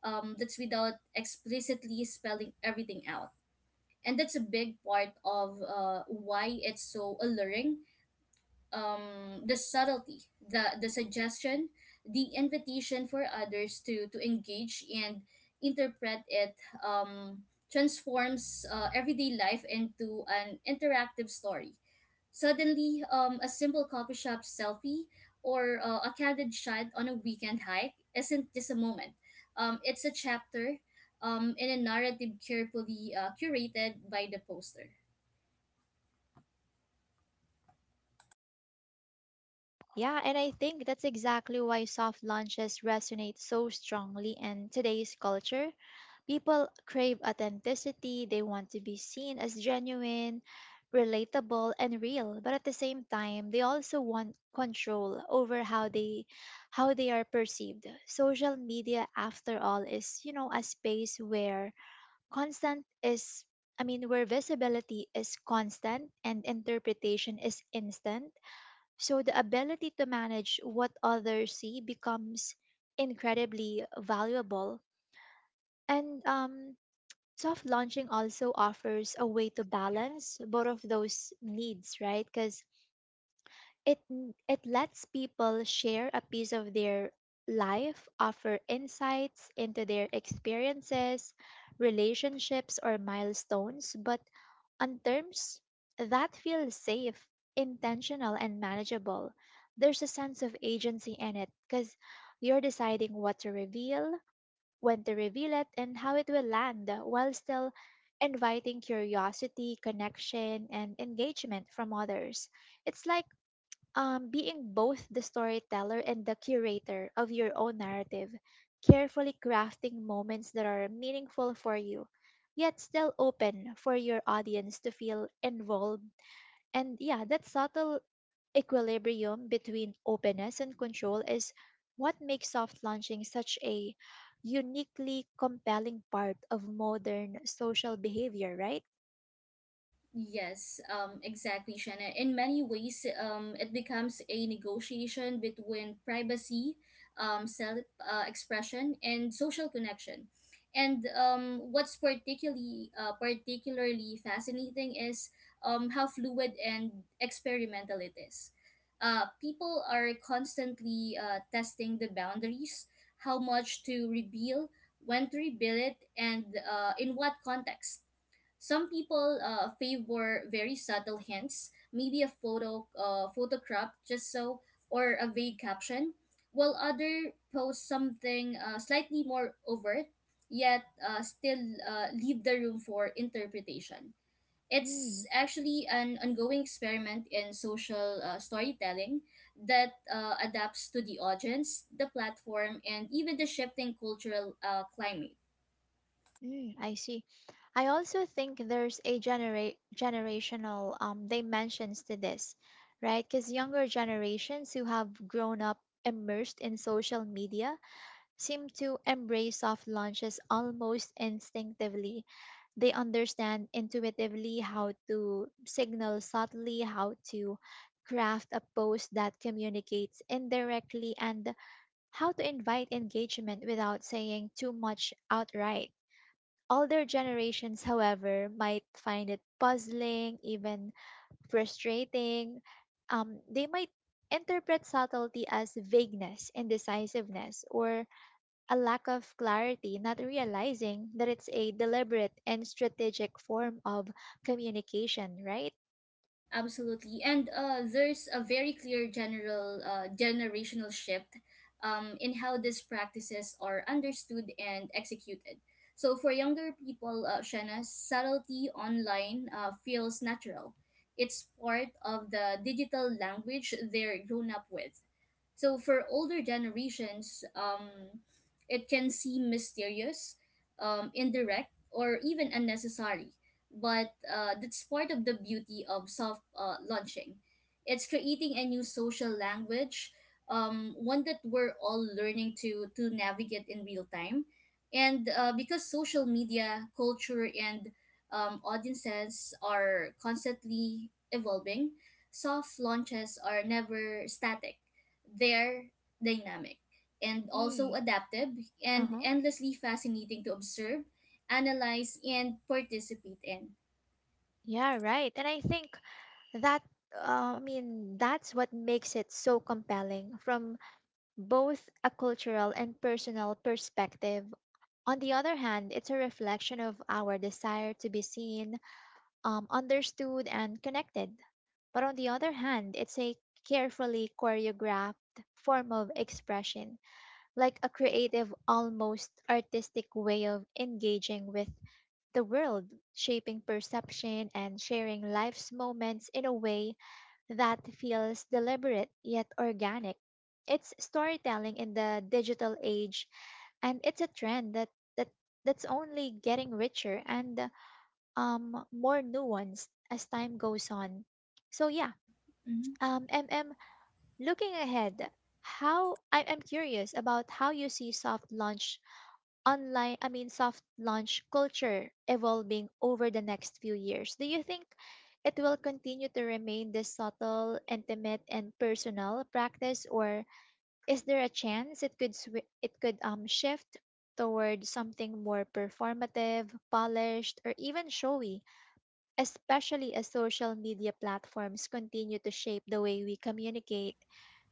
um, that's without explicitly spelling everything out. And that's a big part of uh, why it's so alluring, um the subtlety, the the suggestion, the invitation for others to to engage and interpret it, um transforms uh, everyday life into an interactive story. Suddenly, um a simple coffee shop selfie or uh, a candid shot on a weekend hike isn't just a moment, um it's a chapter um in a narrative carefully uh, curated by the poster.
Yeah, and I think that's exactly why soft launches resonate so strongly in today's culture. People crave authenticity, they want to be seen as genuine, relatable, and real, but at the same time, they also want control over how they how they are perceived. Social media after all is, you know, a space where Constant is, I mean, where visibility is constant and interpretation is instant. So the ability to manage what others see becomes incredibly valuable. And um, soft launching also offers a way to balance both of those needs, right? Because it it lets people share a piece of their life, offer insights into their experiences, relationships, or milestones, but on terms that feel safe, intentional, and manageable. There's a sense of agency in it because you're deciding what to reveal, when to reveal it, and how it will land while still inviting curiosity, connection, and engagement from others. It's like um, being both the storyteller and the curator of your own narrative, carefully crafting moments that are meaningful for you, yet still open for your audience to feel involved. And yeah, that subtle equilibrium between openness and control is what makes soft launching such a uniquely compelling part of modern social behavior, right?
Yes, um, exactly, Shannon. In many ways, um, it becomes a negotiation between privacy, um, self uh, expression, and social connection. And um, what's particularly uh, particularly fascinating is um, how fluid and experimental it is. Uh, people are constantly uh, testing the boundaries, how much to reveal, when to reveal it, and uh, in what context. Some people uh, favor very subtle hints, maybe a photo, uh, photo crop, just so, or a vague caption, while other post something uh, slightly more overt, yet uh, still uh, leave the room for interpretation. It's
Hmm.
actually an ongoing experiment in social uh, storytelling that uh, adapts to the audience, the platform, and even the shifting cultural uh, climate.
Mm, I see. I also think there's a genera generational um, dimensions to this, right? Because younger generations who have grown up immersed in social media seem to embrace soft launches almost instinctively. They understand intuitively how to signal subtly, how to craft a post that communicates indirectly, and how to invite engagement without saying too much outright. Older generations, however, might find it puzzling, even frustrating. Um, they might interpret subtlety as vagueness, indecisiveness, or a lack of clarity, not realizing that it's a deliberate and strategic form of communication, right?
Absolutely. And uh, there's a very clear general uh, generational shift um, in how these practices are understood and executed. So for younger people, uh, Shanna, subtlety online uh, feels natural. It's part of the digital language they're grown up with. So for older generations, um, it can seem mysterious, um, indirect, or even unnecessary, but uh, that's part of the beauty of soft uh, launching. It's creating a new social language, um, one that we're all learning to to navigate in real time, and uh, because social media culture and um, audiences are constantly evolving, soft launches are never static. They're dynamic and also
Mm.
adaptive and
Uh-huh.
endlessly fascinating to observe, analyze, and participate in.
Yeah, right. And I think that uh, I mean that's what makes it so compelling from both a cultural and personal perspective. On the other hand, it's a reflection of our desire to be seen, um, understood, and connected. But on the other hand, it's a carefully choreographed form of expression, like a creative, almost artistic way of engaging with the world, shaping perception, and sharing life's moments in a way that feels deliberate yet organic. It's storytelling in the digital age, and it's a trend that, that that's only getting richer and um, more nuanced as time goes on. So yeah,
Mhm.
um, MM, looking ahead, how I, I'm curious about how you see soft launch online, I mean, soft launch culture evolving over the next few years. Do you think it will continue to remain this subtle, intimate, and personal practice, or is there a chance it could swi it could um shift toward something more performative, polished, or even showy, especially as social media platforms continue to shape the way we communicate,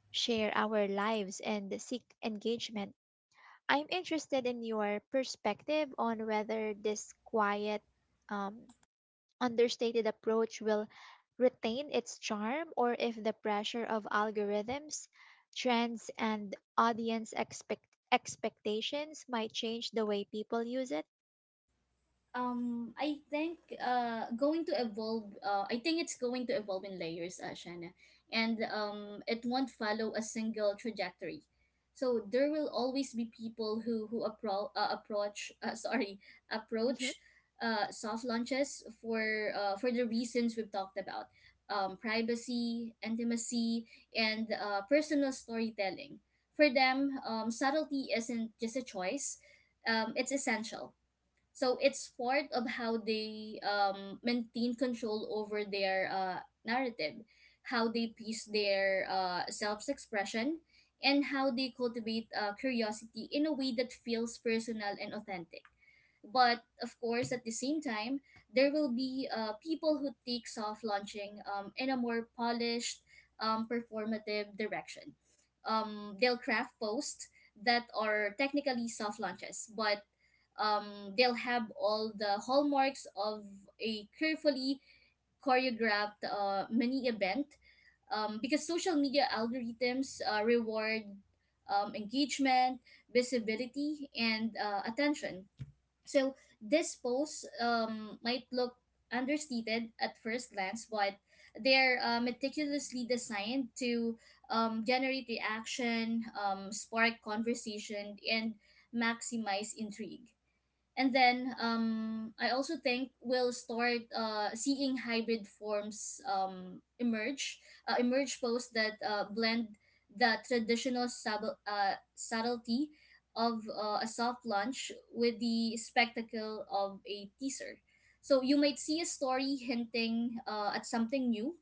share our lives, and seek engagement? I'm interested in your perspective on whether this quiet, um, understated approach will retain its charm or if the pressure of algorithms, trends, and audience expect- expectations might change the way people use it.
Um, I think uh, going to evolve. Uh, I think it's going to evolve in layers, uh, Shanna, and um, it won't follow a single trajectory. So there will always be people who who appro- uh, approach uh, <laughs> sorry
Hmm.
approach uh, soft launches for uh, for the reasons we've talked about, um, privacy, intimacy, and uh, personal storytelling. For them, um, subtlety isn't just a choice; um, it's essential. So it's part of how they um, maintain control over their uh, narrative, how they piece their uh, self expression, and how they cultivate uh, curiosity in a way that feels personal and authentic. But of course, at the same time, there will be uh, people who take soft launching um, in a more polished, um, performative direction. Um, they'll craft posts that are technically soft launches, but um, they'll have all the hallmarks of a carefully choreographed uh, mini event, um, because social media algorithms uh, reward um, engagement, visibility, and uh, attention. So this post um, might look understated at first glance, but they're uh, meticulously designed to um, generate reaction, um, spark conversation, and maximize intrigue. And then um, I also think we'll start uh, seeing hybrid forms um, emerge. Uh, emerge posts that uh, blend the traditional sub- uh, subtlety of uh, a soft launch with the spectacle of a teaser. So you might see a story hinting uh, at something new,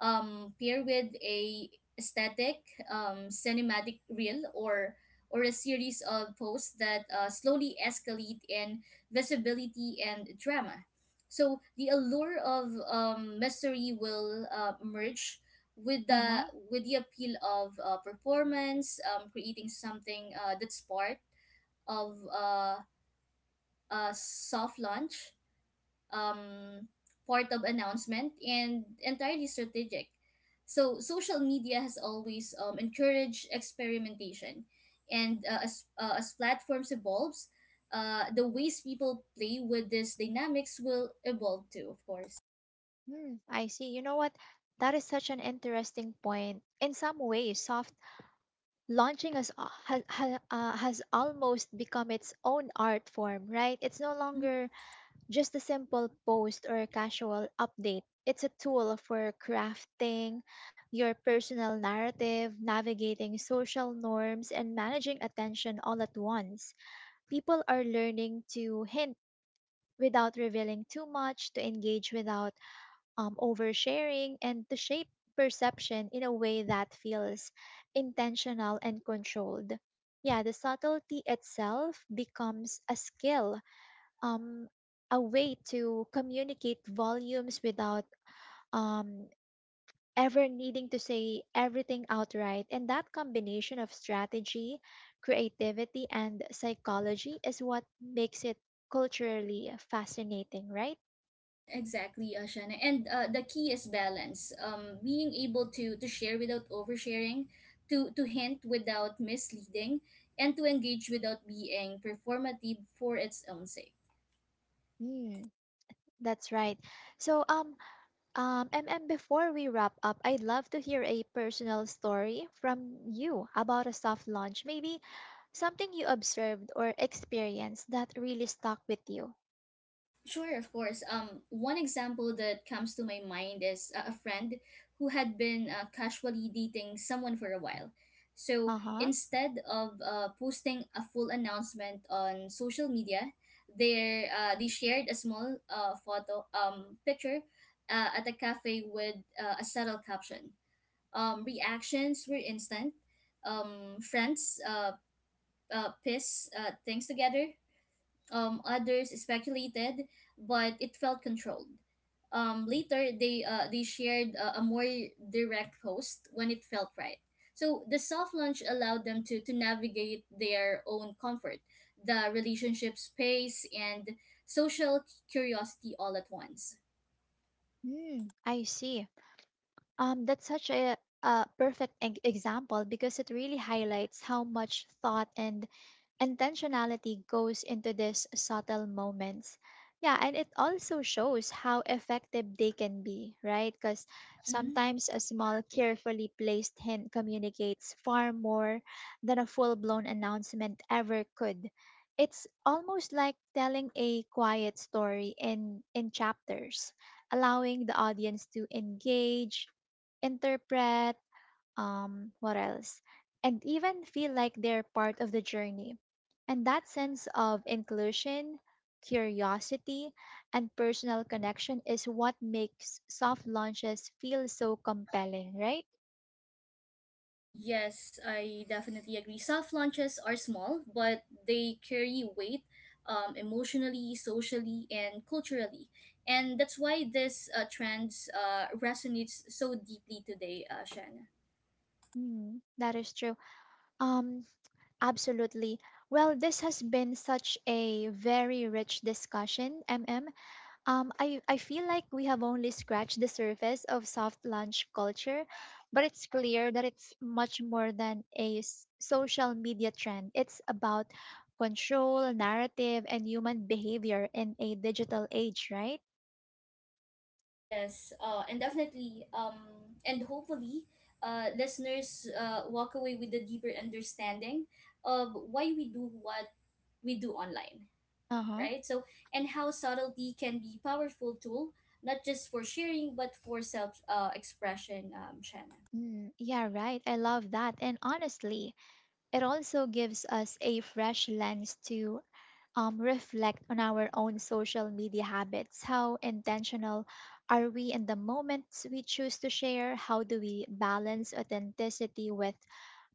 um, pair with a static um, cinematic reel or or a series of posts that uh, slowly escalate in visibility and drama. So the allure of um, mystery will uh, merge with
Uh-huh.
the with the appeal of uh, performance, um, creating something uh, that's part of uh, a soft launch, um, part of announcement and entirely strategic. So social media has always um, encouraged experimentation, and uh, as uh, as platforms evolves, uh, the ways people play with these dynamics will evolve too, of course.
Hmm, I see. You know what? That is such an interesting point. In some ways, soft launching has, ha, ha, uh, has almost become its own art form, right? It's no
Mm-hmm.
longer just a simple post or a casual update. It's a tool for crafting your personal narrative, navigating social norms, and managing attention all at once. People are learning to hint without revealing too much, to engage without um, oversharing, and to shape perception in a way that feels intentional and controlled. Yeah, the subtlety itself becomes a skill, um, a way to communicate volumes without um, ever needing to say everything outright. And that combination of strategy, creativity, and psychology is what makes it culturally fascinating, right?
<laughs> Exactly, Ashana. And uh, the key is balance. Um, being able to to share without oversharing, to to hint without misleading, and to engage without being performative for its own sake.
Mm. That's right. So, um, um, MM, before we wrap up, I'd love to hear a personal story from you about a soft launch. Maybe something you observed or experienced that really stuck with you.
Sure, of course. Um, one example that comes to my mind is uh, a friend who had been uh, casually dating someone for a while. So
Uh-huh.
instead of uh, posting a full announcement on social media, they uh, they shared a small uh, photo um picture uh, at a cafe with uh, a subtle caption. Um, reactions were instant. Um, friends uh, uh, piss uh, things together, um, others speculated, but it felt controlled. Um, later, they uh, they shared a, a more direct post when it felt right. So the soft launch allowed them to, to navigate their own comfort, the relationship space, and social curiosity all at once.
Mm, I see. Um, that's such a, a perfect e example because it really highlights how much thought and intentionality goes into these subtle moments. Yeah, and it also shows how effective they can be, right? Because
Mm-hmm.
sometimes a small, carefully placed hint communicates far more than a full blown announcement ever could. It's almost like telling a quiet story in, in chapters, allowing the audience to engage, interpret, um, what else, and even feel like they're part of the journey. And that sense of inclusion, curiosity, and personal connection is what makes soft launches feel so compelling, right?
Yes, I definitely agree. Soft launches are small, but they carry weight, um, emotionally, socially, and culturally. And that's why this uh, trend uh, resonates so deeply today, uh, Shanna.
Mm, that is true. Um, Absolutely. Well, this has been such a very rich discussion. MM. Um, I, I feel like we have only scratched the surface of soft lunch culture, but it's clear that it's much more than a s- social media trend. It's about control, narrative, and human behavior in a digital age, right?
Yes, uh, and definitely, um, and hopefully, uh, listeners uh, walk away with a deeper understanding of why we do what we do online,
Uh-huh.
right? So, and how subtlety can be powerful tool, not just for sharing, but for self uh, expression, um, Shanna.
Mm, yeah, right. I love that. And honestly, it also gives us a fresh lens to um, reflect on our own social media habits. How intentional are we in the moments we choose to share? How do we balance authenticity with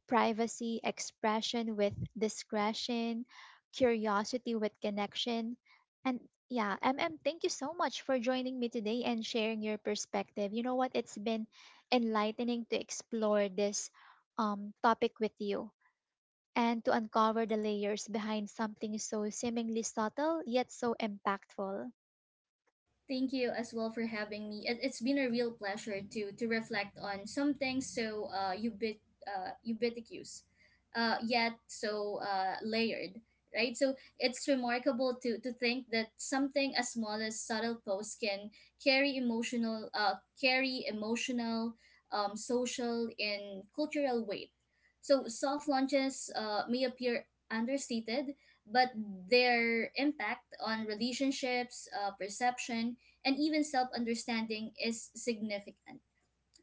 privacy, expression with discretion, curiosity with connection? And yeah, MM, thank you so much for joining me today and sharing your perspective. You know what? It's been enlightening to explore this um, topic with you and to uncover the layers behind something so seemingly subtle yet so impactful.
Thank you as well for having me. It, it's been a real pleasure to to reflect on some things so uh, ubit, uh, ubiquitous, uh, yet so uh, layered, right? So it's remarkable to to think that something as small as subtle posts can carry emotional, uh, carry emotional, um, social and cultural weight. So soft launches uh, may appear understated, but their impact on relationships, uh, perception, and even self-understanding is significant,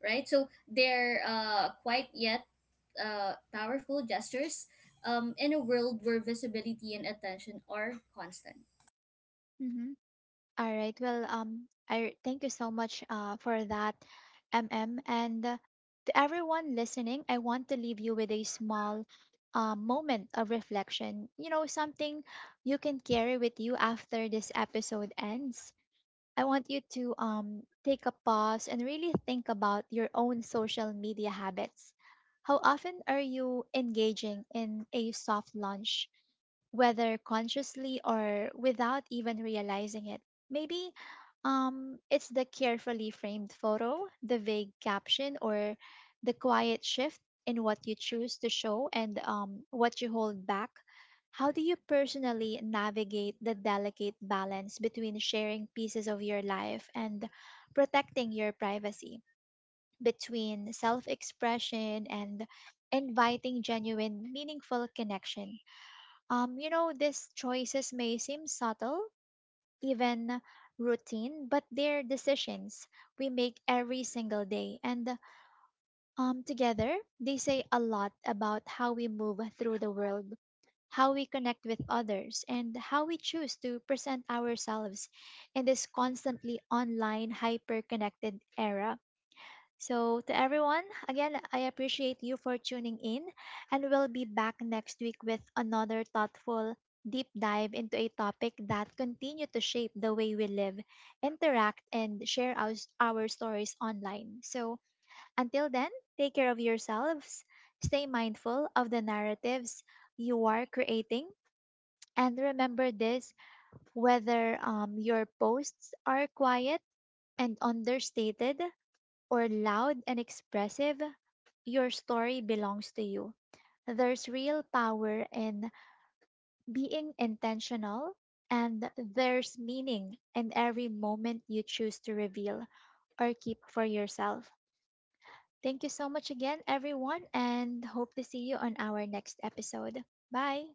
right? So they're uh, quite yet uh, powerful gestures um, in a world where visibility and attention are constant.
Mhm. All right. Well, um, I thank you so much uh, for that, M M, and uh, to everyone listening, I want to leave you with a small uh, moment of reflection. You know, something you can carry with you after this episode ends. I want you to um, take a pause and really think about your own social media habits. How often are you engaging in a soft launch, whether consciously or without even realizing it? Maybe um, it's the carefully framed photo, the vague caption, or the quiet shift in what you choose to show and um, what you hold back. How do you personally navigate the delicate balance between sharing pieces of your life and protecting your privacy, between self expression and inviting genuine, meaningful connection? Um, you know, these choices may seem subtle, even routine, but they're decisions we make every single day. And um, together, they say a lot about how we move through the world, how we connect with others, and how we choose to present ourselves in this constantly online, hyper connected era. So, to everyone, again, I appreciate you for tuning in, and we'll be back next week with another thoughtful deep dive into a topic that continue to shape the way we live, interact, and share our, our stories online. So, until then, take care of yourselves, stay mindful of the narratives you are creating, and remember this: whether um, your posts are quiet and understated or loud and expressive, your story belongs to you. There's real power in being intentional, and there's meaning in every moment you choose to reveal or keep for yourself. Thank you so much again, everyone, and hope to see you on our next episode. Bye.